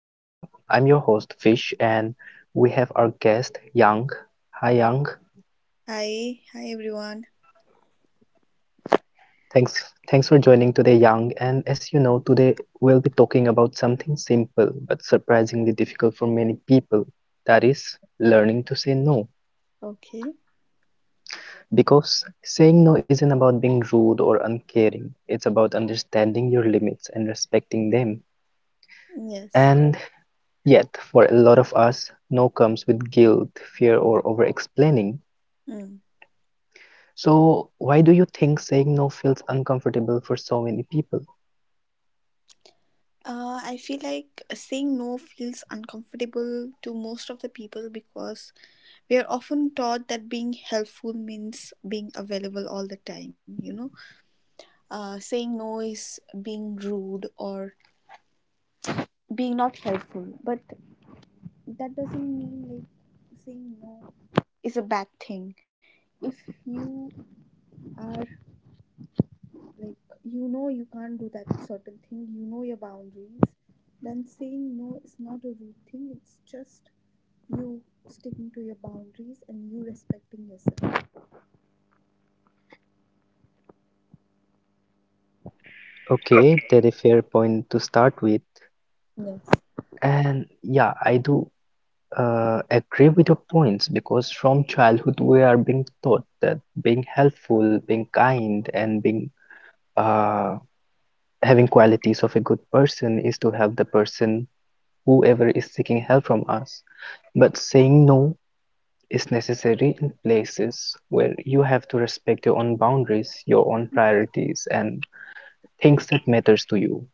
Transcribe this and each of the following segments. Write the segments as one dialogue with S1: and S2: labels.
S1: Uh, I'm your host Fish, and we have our guest Yang. Hi Yang,
S2: Hi, everyone.
S1: thanks for joining today, Yang. And as you know, today we'll be talking about something simple but surprisingly difficult for many people. That is learning to say no.
S2: Okay.
S1: Because saying no isn't about being rude or uncaring. It's about understanding your limits and respecting them.
S2: Yes.
S1: And yet, for a lot of us, no comes with guilt, fear, or over explaining.
S2: Mm.
S1: So, why do you think saying no feels uncomfortable for so many people?
S2: I feel like saying no feels uncomfortable to most of the people because we are often taught that being helpful means being available all the time, you know. Saying no is being rude or being not helpful, but that doesn't mean like saying no is a bad thing. If you are like, you know you can't do that certain thing, you know your boundaries, then saying no is not a rude thing, it's just you sticking to your boundaries and you respecting yourself.
S1: Okay, that's a fair point to start with.
S2: Yes.
S1: And yeah, I do agree with your points because from childhood we are being taught that being helpful, being kind, and being uh, having qualities of a good person is to help the person whoever is seeking help from us. But saying no is necessary in places where you have to respect your own boundaries, your own priorities, and things that matters to you.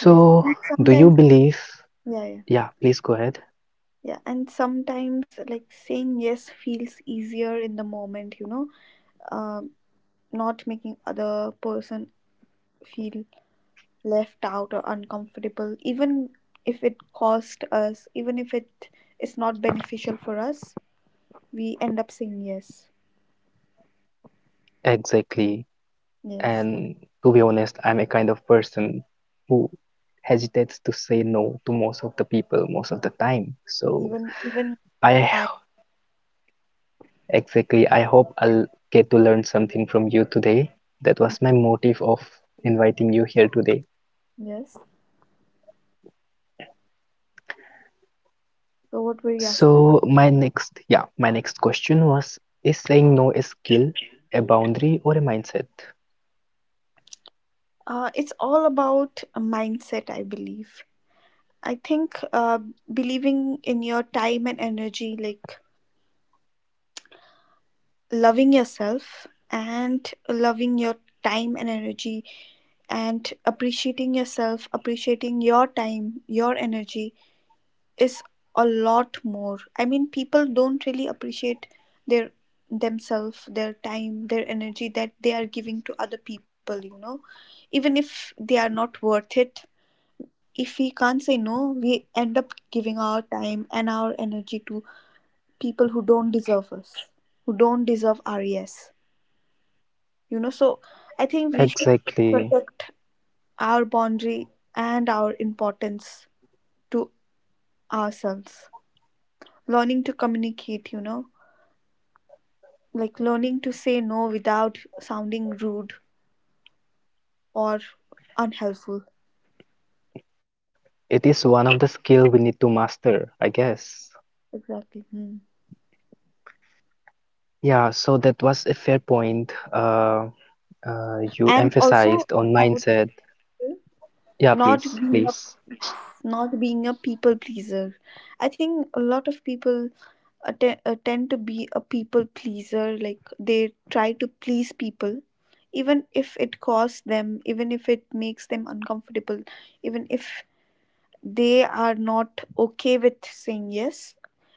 S2: Yes, and
S1: do you
S2: sometimes,
S1: believe?
S2: yeah,
S1: Yeah, please go ahead.
S2: yeah, and sometimes like saying yes feels easier in the moment, you know. um, Not making other person feel left out or uncomfortable, even if it cost us, even if it is not beneficial for us, we end up saying yes.
S1: Exactly. And
S2: Yes.
S1: to be honest, I'm a kind of person who hesitates to say no to most of the people most of the time. So,
S2: Even
S1: I
S2: I,
S1: exactly, I hope I'll get to learn something from you today. That was my motive of inviting you here today.
S2: yes. So what were you asking?
S1: So my next, yeah, my next question was, is saying no a skill, a boundary, or a mindset?
S2: It's all about a mindset, I believe. I think, believing in your time and energy, like loving yourself and loving your time and energy and appreciating yourself, appreciating your time, your energy, is a lot more. I mean, people don't really appreciate their themselves, their time, their energy that they are giving to other people, you know. Even if they are not worth it, if we can't say no, we end up giving our time and our energy to people who don't deserve us, who don't deserve our yes. You know, so I think we should
S1: Exactly.
S2: protect our boundary and our importance to ourselves. Learning to communicate, you know, like learning to say no without sounding rude or unhelpful.
S1: It is one of the skill we need to master, I guess.
S2: Exactly. Hmm.
S1: Yeah, so that was a fair point. You
S2: And also
S1: emphasized on
S2: I would
S1: mindset.
S2: say
S1: Yeah,
S2: not
S1: please,
S2: being a,
S1: please.
S2: not being a people pleaser. I think a lot of people tend to be a people pleaser, like they try to please people even if it costs them, even if it makes them uncomfortable, even if they are not okay with saying yes.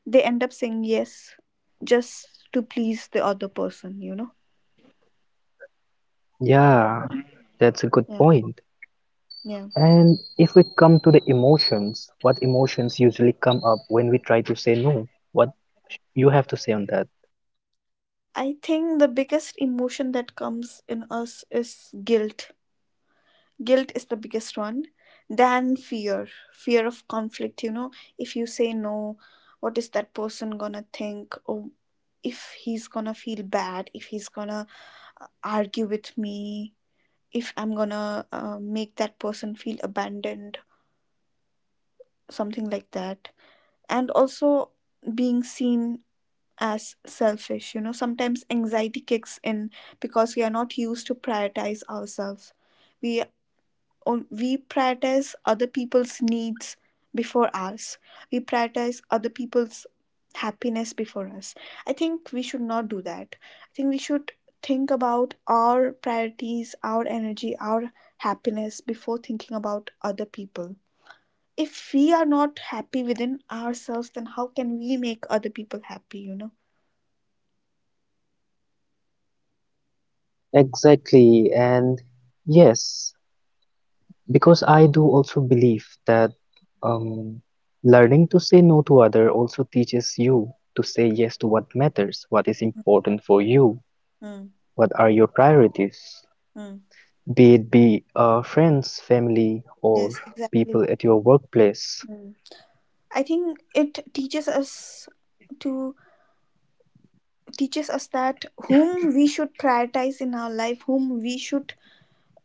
S2: They end up saying yes just to please the other person, you know?
S1: Yeah, that's a good
S2: Yeah.
S1: point.
S2: Yeah.
S1: And if we come to the emotions, what emotions usually come up when we try to say no? What you have to say on that?
S2: I think the biggest emotion that comes in us is guilt. Guilt is the biggest one. Then fear, fear of conflict, you know? If you say no, what is that person gonna think? Oh, if he's gonna feel bad, if he's gonna argue with me, if I'm gonna make that person feel abandoned. Something like that, and also being seen as selfish, you know. Sometimes anxiety kicks in because we are not used to prioritize ourselves. We we prioritize other people's needs before ours. We prioritize other people's happiness before us. I think we should not do that. I think we should think about our priorities, our energy, our happiness before thinking about other people. If we are not happy within ourselves, then how can we make other people happy, you know?
S1: Exactly, and yes, because I do also believe that um, learning to say no to other also teaches you to say yes to what matters, what is important for you,
S2: Mm.
S1: what are your priorities,
S2: Mm.
S1: be it be friends, family,
S2: Yes,
S1: or
S2: exactly.
S1: people at your workplace.
S2: Mm. I think it teaches us to, teaches us that whom we should prioritize in our life, whom we should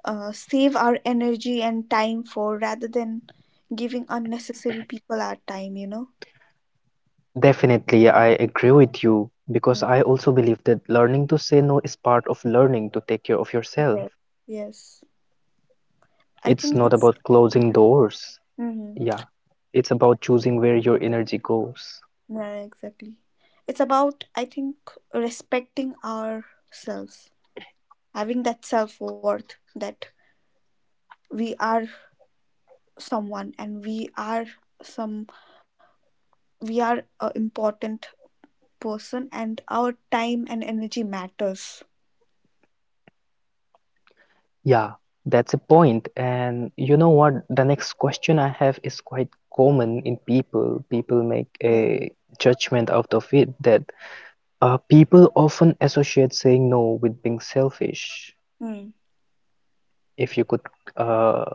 S2: save our energy and time for, rather than giving unnecessary people our time, you know.
S1: Definitely, I agree with you
S2: Mm.
S1: because I also believe that learning to say no is part of learning to take care of
S2: Yes.
S1: yourself.
S2: Yes, I think
S1: It's not
S2: it's...
S1: about closing doors.
S2: Mhm.
S1: Yeah, it's about choosing where your energy goes.
S2: Yeah, exactly. It's about, I think, respecting ourselves, having that self worth that we are someone, and we are some, we are a important person and our time and energy matters.
S1: Yeah, that's a point. And you know what? The next question I have is quite common in people. People make
S2: Yes.
S1: a judgment out of it that people often associate saying no with being selfish.
S2: Hmm.
S1: If you could uh,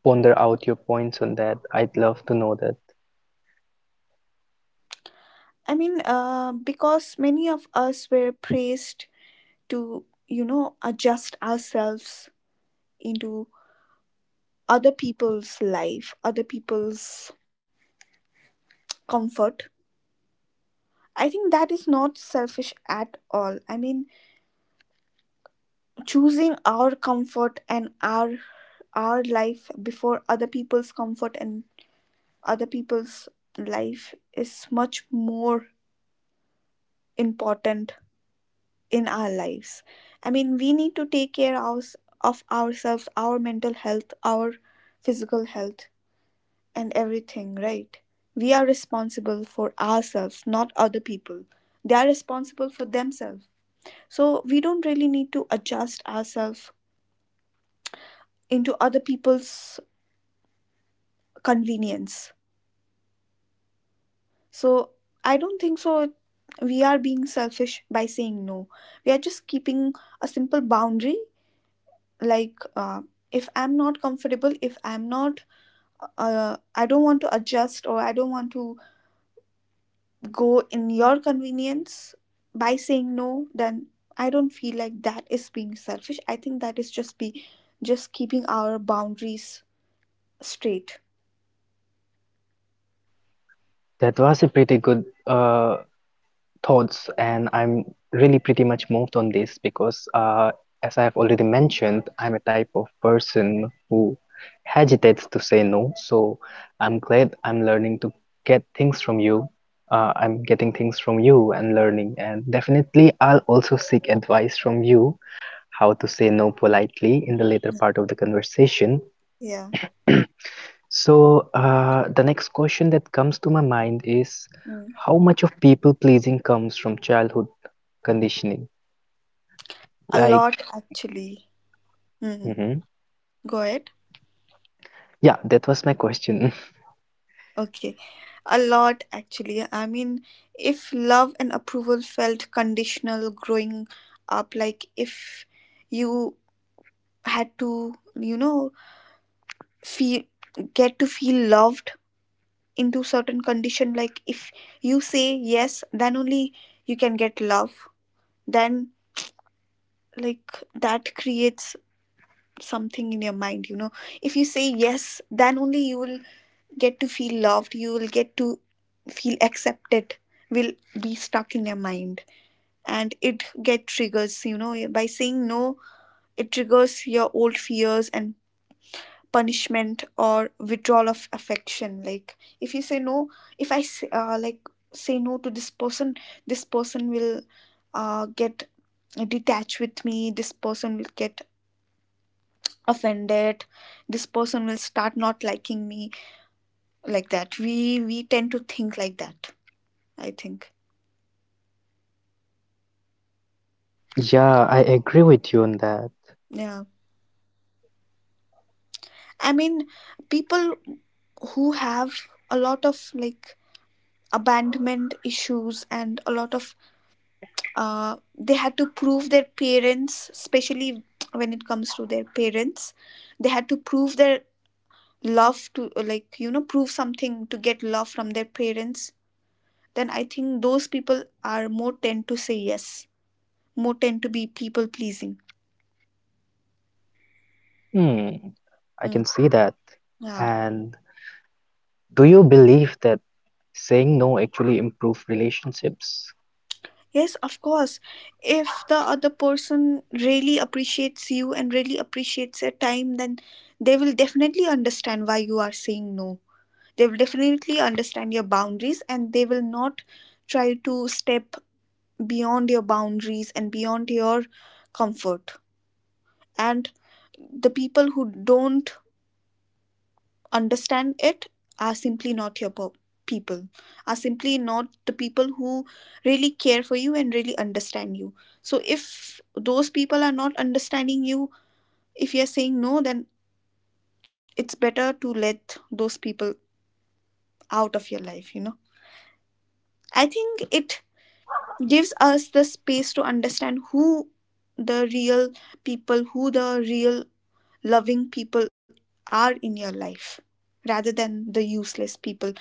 S1: ponder out your points on that, I'd love to know that.
S2: I mean, because many of us were praised to, you know, adjust ourselves into other people's life, other people's comfort. I think that is not selfish at all. I mean, choosing our comfort and our life before other people's comfort and other people's life is much more important in our lives. I mean, we need to take care of ourselves, our mental health, our physical health, and everything, right? We are responsible for ourselves, not other people. They are responsible for themselves. So we don't really need to adjust ourselves into other people's convenience. So I don't think so. We are being selfish by saying no. We are just keeping a simple boundary, like if I'm not comfortable, if I'm not, I don't want to adjust or I don't want to go in your convenience by saying no, then I don't feel like that is being selfish. I think that is just be, just keeping our boundaries straight.
S1: That was a pretty good thoughts, and I'm really pretty much moved on this because, as I have already mentioned, I'm a type of person who hesitates to say no. So I'm glad I'm learning to get things from you. I'm getting things from you and learning, and definitely I'll also seek advice from you how to say no politely in the later part of the conversation.
S2: Yeah.
S1: So, the next question that comes to my mind is
S2: Mm.
S1: how much of people pleasing comes from childhood conditioning?
S2: A
S1: Like,
S2: lot, actually. Mm.
S1: mhm,
S2: Go ahead.
S1: yeah, that was my question.
S2: Okay. A lot, actually. I mean, if love and approval felt conditional growing up, like if you had to, you know, feel get to feel loved into certain condition, like if you say yes, then only you can get love. Then like that creates something in your mind, you know. If you say yes, then only you will get to feel loved, you will get to feel accepted, will be stuck in your mind. And it get triggers, you know. By saying no, it triggers your old fears and punishment or withdrawal of affection. Like if you say no, if I s- like say no to this person, this person will get detached with me, this person will get offended, this person will start not liking me. Like that we, tend to think like that, I think.
S1: Yeah, I agree with you on that.
S2: Yeah. I mean, people who have a lot of like abandonment issues, and a lot of they had to prove their parents, especially when it comes to their parents, they had to prove their love to, like, you know, prove something to get love from their parents. Then I think those people are more tend to say yes, more tend to be people pleasing.
S1: Hmm, I can
S2: Mm.
S1: see that.
S2: Yeah.
S1: And do you believe that saying no actually improve relationships?
S2: Yes, of course. If the other person really appreciates you and really appreciates your time, then they will definitely understand why you are saying no. They will definitely understand your boundaries and they will not try to step beyond your boundaries and beyond your comfort. And the people who don't understand it are simply not your people, are simply not the people who really care for you and really understand you. So if those people are not understanding you, if you're saying no, then it's better to let those people out of your life, you know. I think it gives us the space to understand who the real people, who the real loving people are in your life, rather than the useless people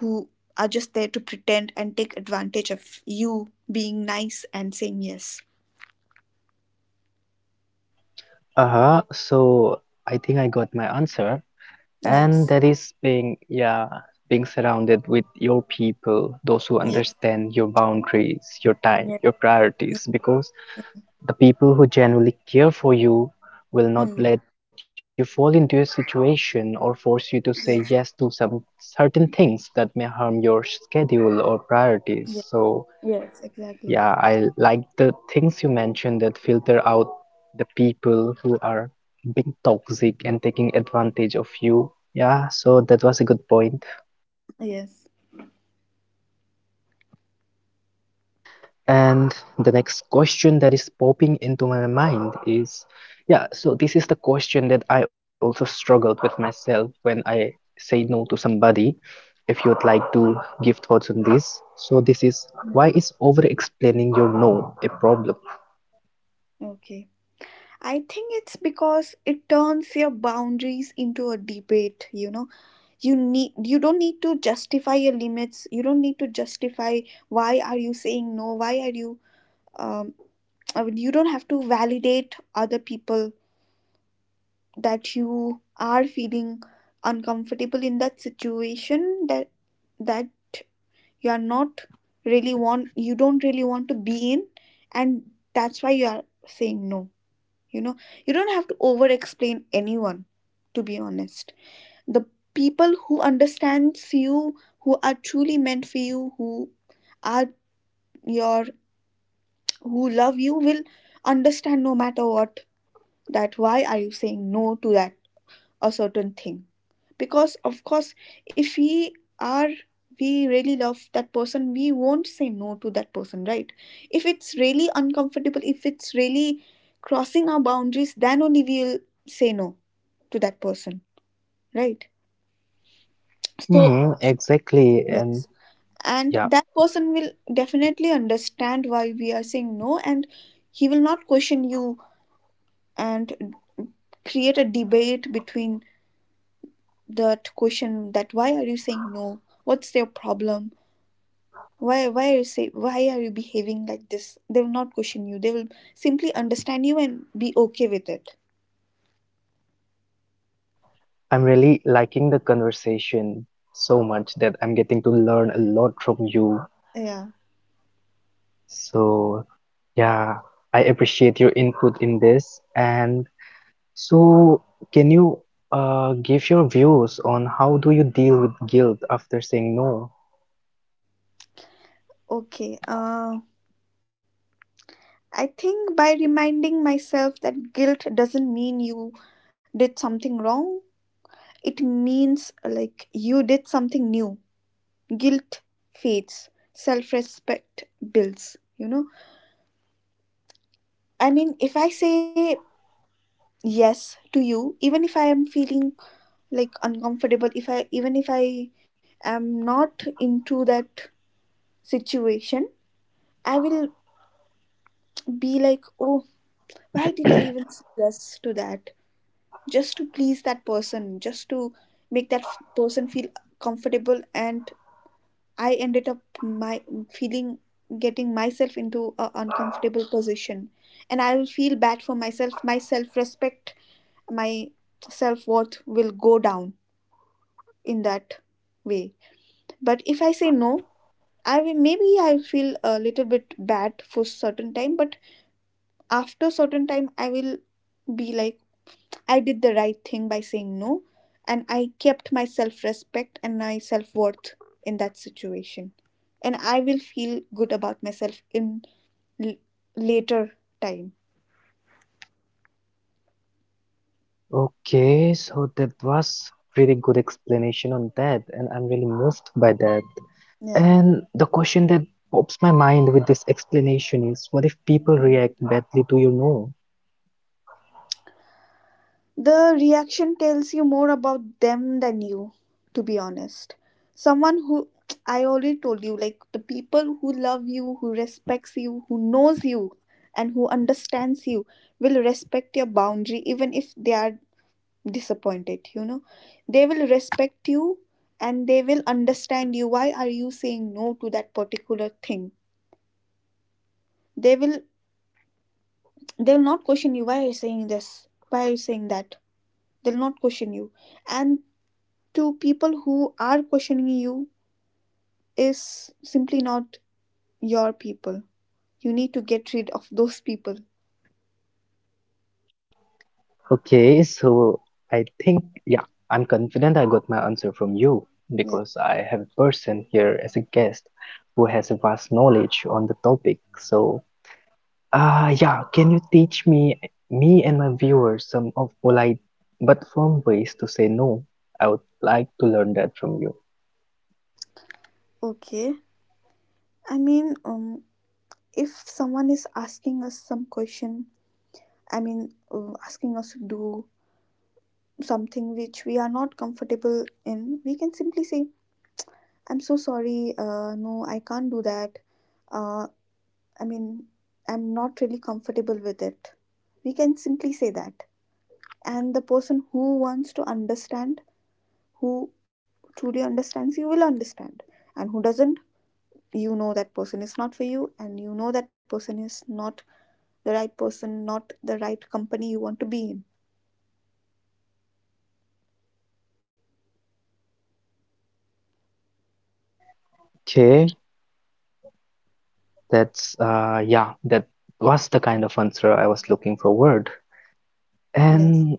S2: who are just there to pretend and take advantage of you being nice and saying yes.
S1: Uh-huh, so I think I got my answer. And
S2: Yes.
S1: that is being, yeah, being surrounded with your people, those who
S2: Yes.
S1: understand your boundaries, your time,
S2: Yes.
S1: your priorities, because
S2: Yes.
S1: the people who genuinely care for you will not
S2: Mm.
S1: let you fall into a situation or force you to say yes to
S2: Yes.
S1: some certain things that may harm your schedule or priorities.
S2: Yes.
S1: So
S2: Yes. Exactly.
S1: yeah, I like the things you mentioned that filter out the people who are being toxic and taking advantage of you. Yeah, so that was a good point.
S2: Yes.
S1: And the next question that is popping into my mind is, yeah, so this is the question that I also struggled with myself when I say no to somebody. If you'd like to give thoughts on this. So this is, why is
S2: Yes.
S1: over explaining your no a problem?
S2: Okay. I think it's because it turns your boundaries into a debate, you know. You need, you don't need to justify your limits. You don't need to justify why are you saying no? Why are you um you don't have to validate other people that you are feeling uncomfortable in that situation, that that you are not really want, you don't really want to be in, and that's why you are saying no, you know. You don't have to over explain anyone, to be honest. The people who understands you, who are truly meant for you, who are your, who love you, will understand no matter what, that why are you saying no to that a certain thing. Because of course, if we are, we really love that person, we won't say no to that person, right? If it's really uncomfortable, if it's really crossing our boundaries, then only we'll say no to that person, right? So,
S1: Mm-hmm, exactly. And
S2: yes, and
S1: yeah,
S2: that person will definitely understand why we are saying no, and he will not question you and create a debate between that question that why are you saying no, what's your problem, why are you say, why are you behaving like this. They will not question you, they will simply understand you and be okay with it.
S1: I'm really liking the conversation so much that I'm getting to learn a lot from you.
S2: Yeah.
S1: So, yeah, I appreciate your input in this. And so, can you give your views on how do you deal with guilt after saying no?
S2: Okay. I think by reminding myself that guilt doesn't mean you did something wrong, it means like you did something new. Guilt fades, self-respect builds, you know. I mean, if I say yes to you, even if I am feeling like uncomfortable, if I, even if I am not into that situation, I will be like, oh, why did I even say yes to that, just to please that person, just to make that person feel comfortable, and I ended up my feeling, getting myself into a uncomfortable position. And I will feel bad for myself, my self respect, my self worth will go down in that way. But if I say no, I will, maybe I feel a little bit bad for certain time, but after certain time I will be like, I did the right thing by saying no, and I kept my self respect and my self worth in that situation. And I will feel good about myself in l- later time.
S1: Okay, so that was pretty good explanation on that, and I'm really moved by that.
S2: Yeah.
S1: And the question that pops my mind with this explanation is, what if people
S2: Mm.
S1: react badly to your no?
S2: The reaction tells you more about them than you, to be honest. Someone who I already told you, like, the people who love you, who respects you, who knows you, and who understands you will respect your boundary even if they are disappointed. They will respect you, and they will understand you, why are you saying no to that particular thing. They will they will not question you, why are you saying this, why are you saying that. They'll not question you. And to people who are questioning you is simply not your people. You need to get rid of those people.
S1: Okay, so I think, yeah, I'm confident I got my answer from you
S2: Yeah.
S1: because I have a person here as a guest who has a vast knowledge on the topic. So, ah, yeah, can you teach me, me and my viewers, some of polite but firm ways to say no? I would like to learn that from you.
S2: Okay. I mean, if someone is asking us some question, I mean, asking us to do something which we are not comfortable in, we can simply say, "I'm so sorry. No, I can't do that. Uh, I mean, I'm not really comfortable with it." We can simply say that. And the person who wants to understand, who truly understands you, will understand. And who doesn't, that person is not for you, and you know that person is not the right person, not the right company you want to be in.
S1: Okay, that's, yeah, that was the kind of answer I was looking forward.
S2: Yes.
S1: And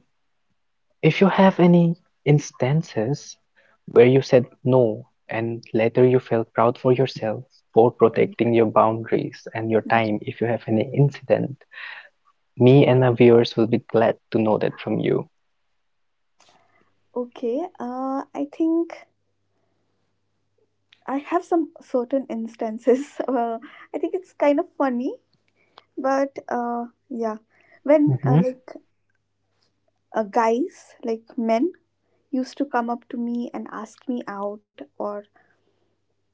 S1: if you have any instances where you said no and later you felt proud for yourself for
S2: Mm.
S1: protecting your boundaries and your
S2: Mm.
S1: time, if you have any incident, me and my viewers will be glad to know that from you.
S2: Okay, I think I have some certain instances I think it's kind of funny, but yeah, when
S1: Mhm.
S2: like guys, like men, used to come up to me and ask me out or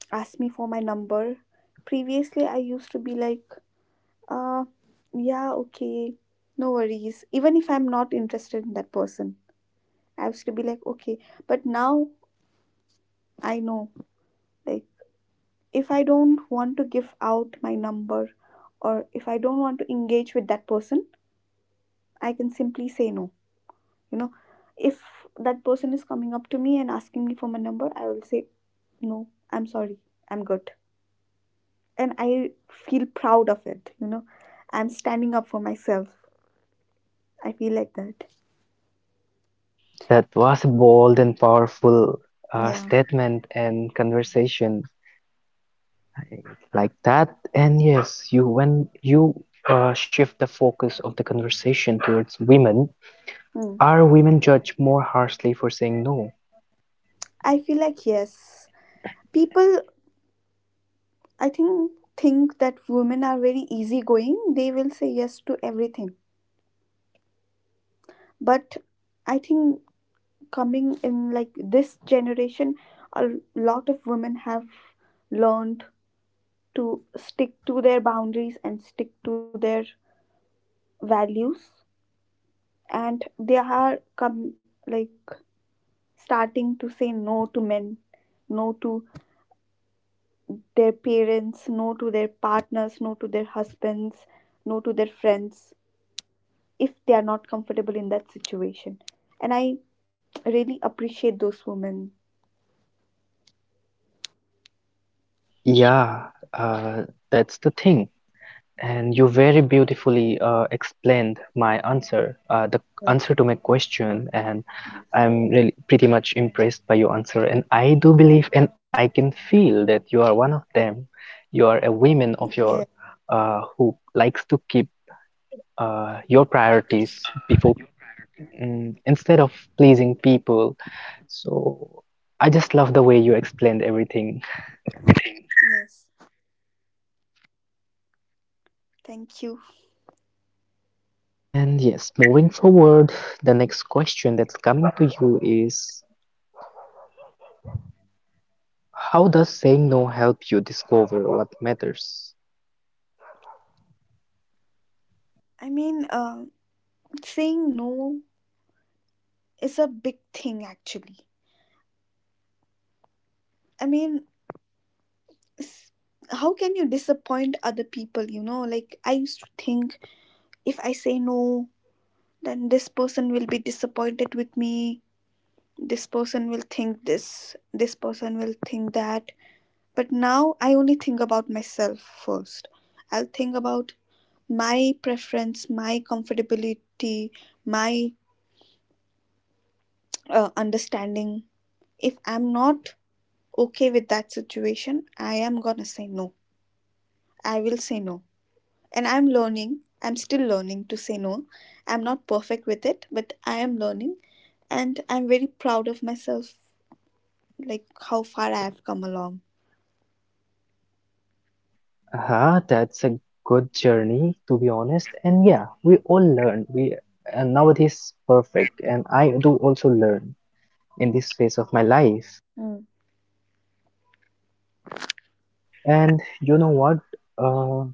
S2: asked me for my number. Previously, I used to be like, uh, yeah, okay, no worries. Even if I'm not interested in that person, I used to be like, okay. But now I know, like, if I don't want to give out my number or if I don't want to engage with that person, I can simply say no. You know, if that person is coming up to me and asking me for my number, I will say, no, I'm sorry, I'm good. And I feel proud of it. I'm standing up for myself. I feel like that.
S1: That was a bold and powerful
S2: Yeah.
S1: statement and conversation like that. And yes, you when you shift the focus of the conversation towards women,
S2: Mm.
S1: are women judged more harshly for saying no?
S2: I feel like yes. People, I think that women are very easygoing. They will say yes to everything. But I think, coming in like this generation, a lot of women have learned to stick to their boundaries and stick to their values, and they are come, like, starting to say no to men, no to their parents, no to their partners, no to their husbands, no to their friends if they are not comfortable in that situation. And I really appreciate those women.
S1: Yeah, uh, that's the thing. And you very beautifully explained my answer, the answer
S2: Yes.
S1: to my question, and I'm really pretty much impressed by your answer. And I do believe and I can feel that you are one of them. You are a
S2: Yes.
S1: woman of your who likes to keep your priorities before mm, instead of pleasing people. So I just love the way you explained everything.
S2: Yes. Thank you.
S1: And yes, moving forward, the next question that's coming to you is how does saying no help you discover what matters?
S2: I mean, saying no is a big thing actually. I mean, s- how can you disappoint other people? Like I used to think, if I say no, then this person will be disappointed with me, this person will think this, this person will think that. But now I only think about myself first. I'll think about my preference, my comfortability, my understanding. If I'm not okay with that situation, I am gonna say no. I will say no. And I'm learning, I'm still learning to say no. I'm not perfect with it, but I am learning. And I'm very proud of myself, like how far I have come along.
S1: Ah, that's a good journey to be honest. And yeah, we all learn. We and nowadays perfect. And I do also learn in this phase of my life.
S2: Mm.
S1: And you know what? Uh,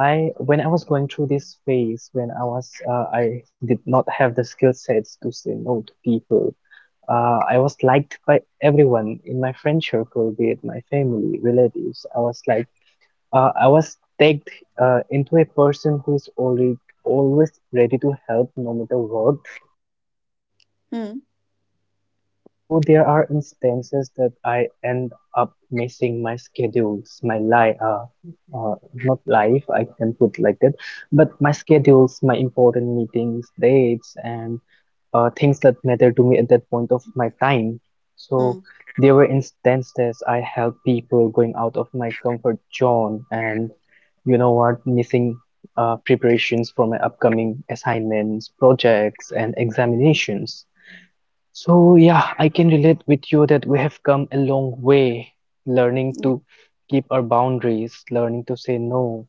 S1: I when I was going through this phase, when I was I did not have the skill sets to say no to people. I was liked by everyone in my friend circle, be it my family, relatives. I was like, I was tagged into a person who is already always ready to help, no matter what.
S2: Hmm.
S1: So there are instances that I end up missing my schedules, my life, uh, not life, I can put like that, but my schedules, my important meetings, dates, and things that matter to me at that point of my time.
S2: Hmm.
S1: So there were instances I helped people going out of my comfort zone and you know what, missing preparations for my upcoming assignments, projects, and examinations. So yeah, I can relate with you that we have come a long way learning to keep our boundaries, learning to say no,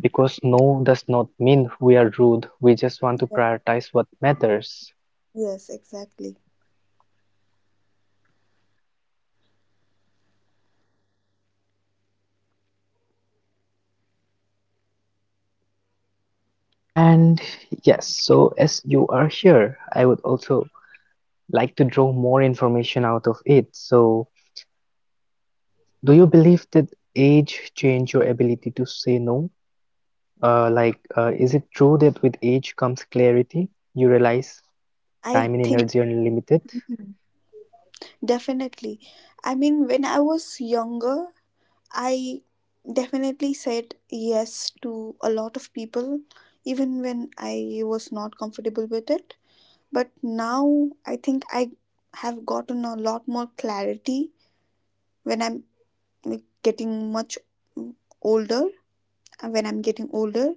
S1: because no does not mean we are rude. We just want
S2: Yeah.
S1: to prioritize what matters.
S2: Yes, exactly.
S1: And yes, so as you are here, I would also like to draw more information out of it. So, do you believe that age change your ability to say no? Like, is it true that with age comes clarity? You realize
S2: I
S1: time and
S2: think.
S1: energy are unlimited.
S2: Mhm. Definitely. I mean, when I was younger, I definitely said yes to a lot of people, even when I was not comfortable with it. But now I think I have gotten a lot more clarity when I'm, like, getting much older. And when I'm getting older,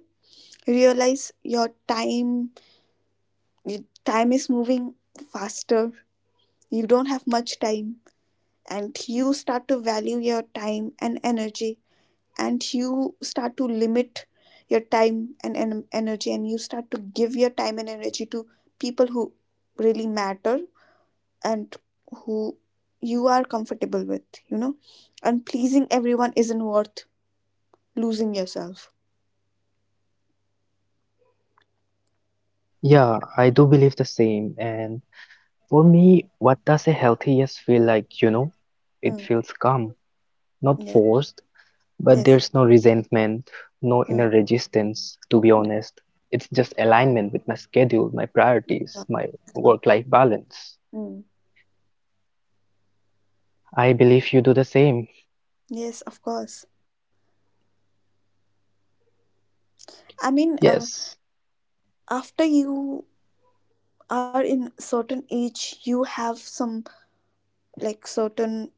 S2: realize your time. Time is moving faster. You don't have much time, and you start to value your time and energy, and you start to limit your time and, energy, and you start to give your time and energy to people who really matter and who you are comfortable with, you know. And pleasing everyone isn't worth losing yourself.
S1: Yeah, I do believe the same. And for me, what does a healthy yes feel like, you know? It
S2: Hmm.
S1: feels calm, not
S2: Yeah.
S1: forced, but
S2: Yes.
S1: there's no resentment, no
S2: Hmm.
S1: inner resistance, to be
S2: Hmm.
S1: honest. It's just alignment with my schedule, my priorities,
S2: Yeah.
S1: my
S2: Yeah.
S1: work-life balance.
S2: Hmm.
S1: I believe you do the same.
S2: Yes, of course. I mean,
S1: Yes,
S2: after you are in certain age, you have some, like, certain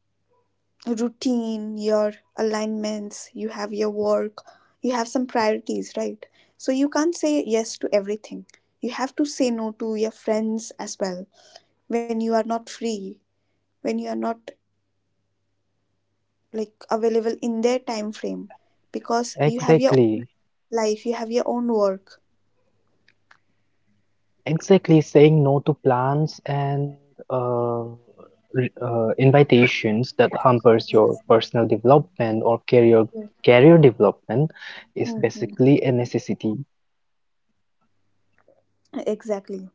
S2: routine, your alignments, you have your work, you have some priorities, right? So you can't say yes to everything. You have to say no to your friends as well, when you are not free, when you are not, like, available in their time frame, because you have your
S1: exactly.
S2: own life, you have your own work.
S1: Exactly, saying no to plans and uh, invitations that hampers your personal development or career development is
S2: Hmm.
S1: basically a necessity.
S2: Exactly.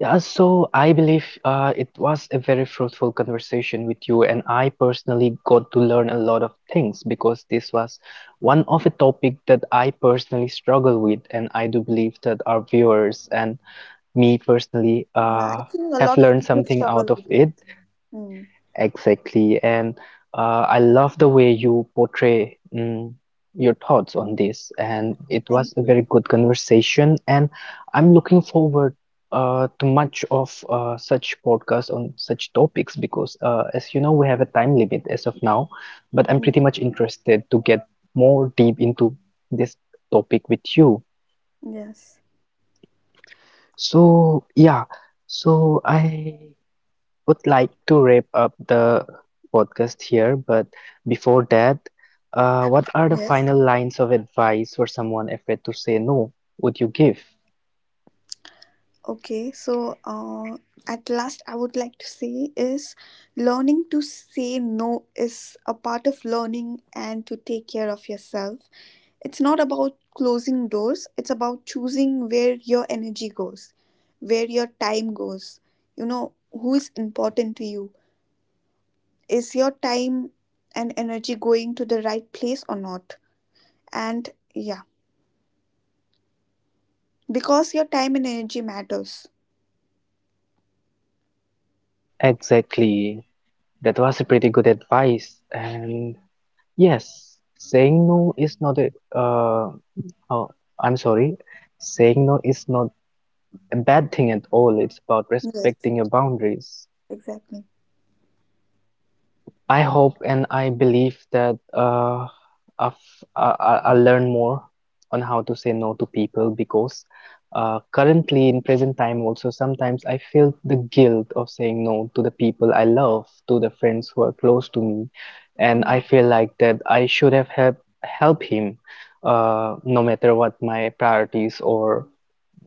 S1: Yeah, so I believe it was a very fruitful conversation with you, and I personally got to learn a lot of things because this was one of a topic that I personally struggle with, and I do believe that our viewers and me personally
S2: Yeah, I think
S1: have
S2: a lot
S1: learned
S2: of people
S1: something out of
S2: struggle with
S1: it.
S2: it. Hmm.
S1: Exactly. And I love the way you portray mm, your thoughts on this. And it was a
S2: Thank
S1: very
S2: you.
S1: good conversation. And I'm looking forward to much of such podcasts on such topics because, as you know, we have a time limit as of now. But I'm pretty much
S2: Yeah.
S1: interested to get more deep into this topic with you.
S2: Yes.
S1: So, yeah. So I would like to wrap up the podcast here, but before that, what are the
S2: Yes.
S1: final lines of advice for someone afraid to say no? Would you give?
S2: Okay. So, at last, I would like to say is learning to say no is a part of learning and to take care of yourself. It's not about closing doors, it's about choosing where your energy goes, where your time goes. Who is important to you? Is your time and energy going to the right place or not? And yeah, because your time and energy matters.
S1: Exactly. That was a pretty good advice. And yes, saying no is not a, oh, I'm sorry. Saying no is not a bad thing at all. It's about
S2: Yes,
S1: respecting your boundaries.
S2: exactly.
S1: I hope and I believe that I've, I'll learn more on how to say no to people because currently in present time also sometimes I feel the guilt of saying no to the people I love, to the friends who are close to me, and
S2: Mm,
S1: I feel like that I should have help him no matter what my priorities or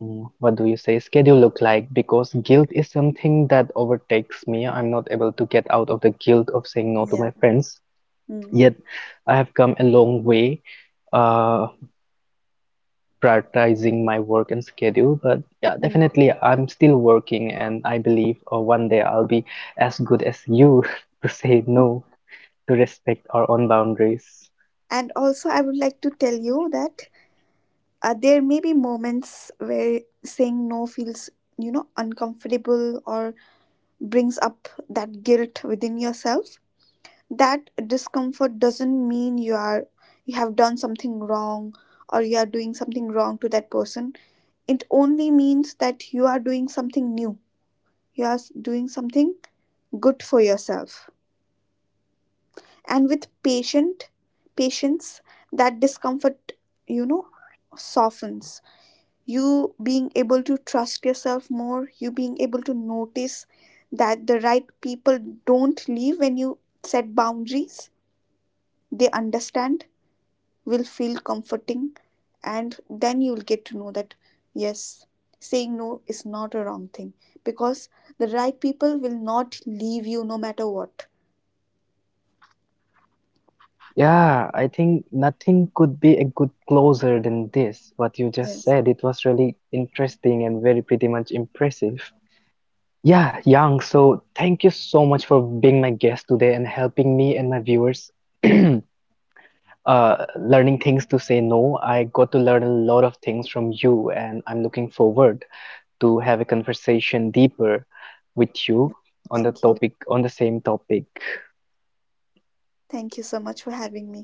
S1: mm, what do you say? Schedule look like? Because guilt is something that overtakes me. I'm not able to get out of the guilt of saying no
S2: yeah.
S1: to my friends.
S2: Mm,
S1: Yet, I have come a long way, uh, prioritizing my work and schedule. But yeah,
S2: mm.
S1: definitely, I'm still working, and I believe one day I'll be as good as you to say no, to respect our own boundaries.
S2: And also, I would like to tell you that there may be moments where saying no feels, uncomfortable, or brings up that guilt within yourself. That discomfort doesn't mean you have done something wrong, or you are doing something wrong to that person. It only means that you are doing something new, you are doing something good for yourself. And with patient patience, that discomfort, you know softens, you being able to trust yourself more, you being able to notice that the right people don't leave when you set boundaries, they understand, will feel comforting. And then you'll get to know that, yes, saying no is not a wrong thing, because the right people will not leave you, no matter what.
S1: Yeah, I think nothing could be a good closer than this. What you just
S2: Yes.
S1: said, it was really interesting and very pretty much impressive. Yeah, Yang, so thank you so much for being my guest today and helping me and my viewers learning things to say no. I got to learn a lot of things from you, and I'm looking forward to have a conversation deeper with you on the
S2: Thank you.
S1: topic, on the same topic.
S2: Thank you so much for having me.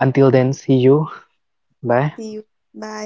S1: Until then, see you.
S2: See
S1: Bye.
S2: you. Bye.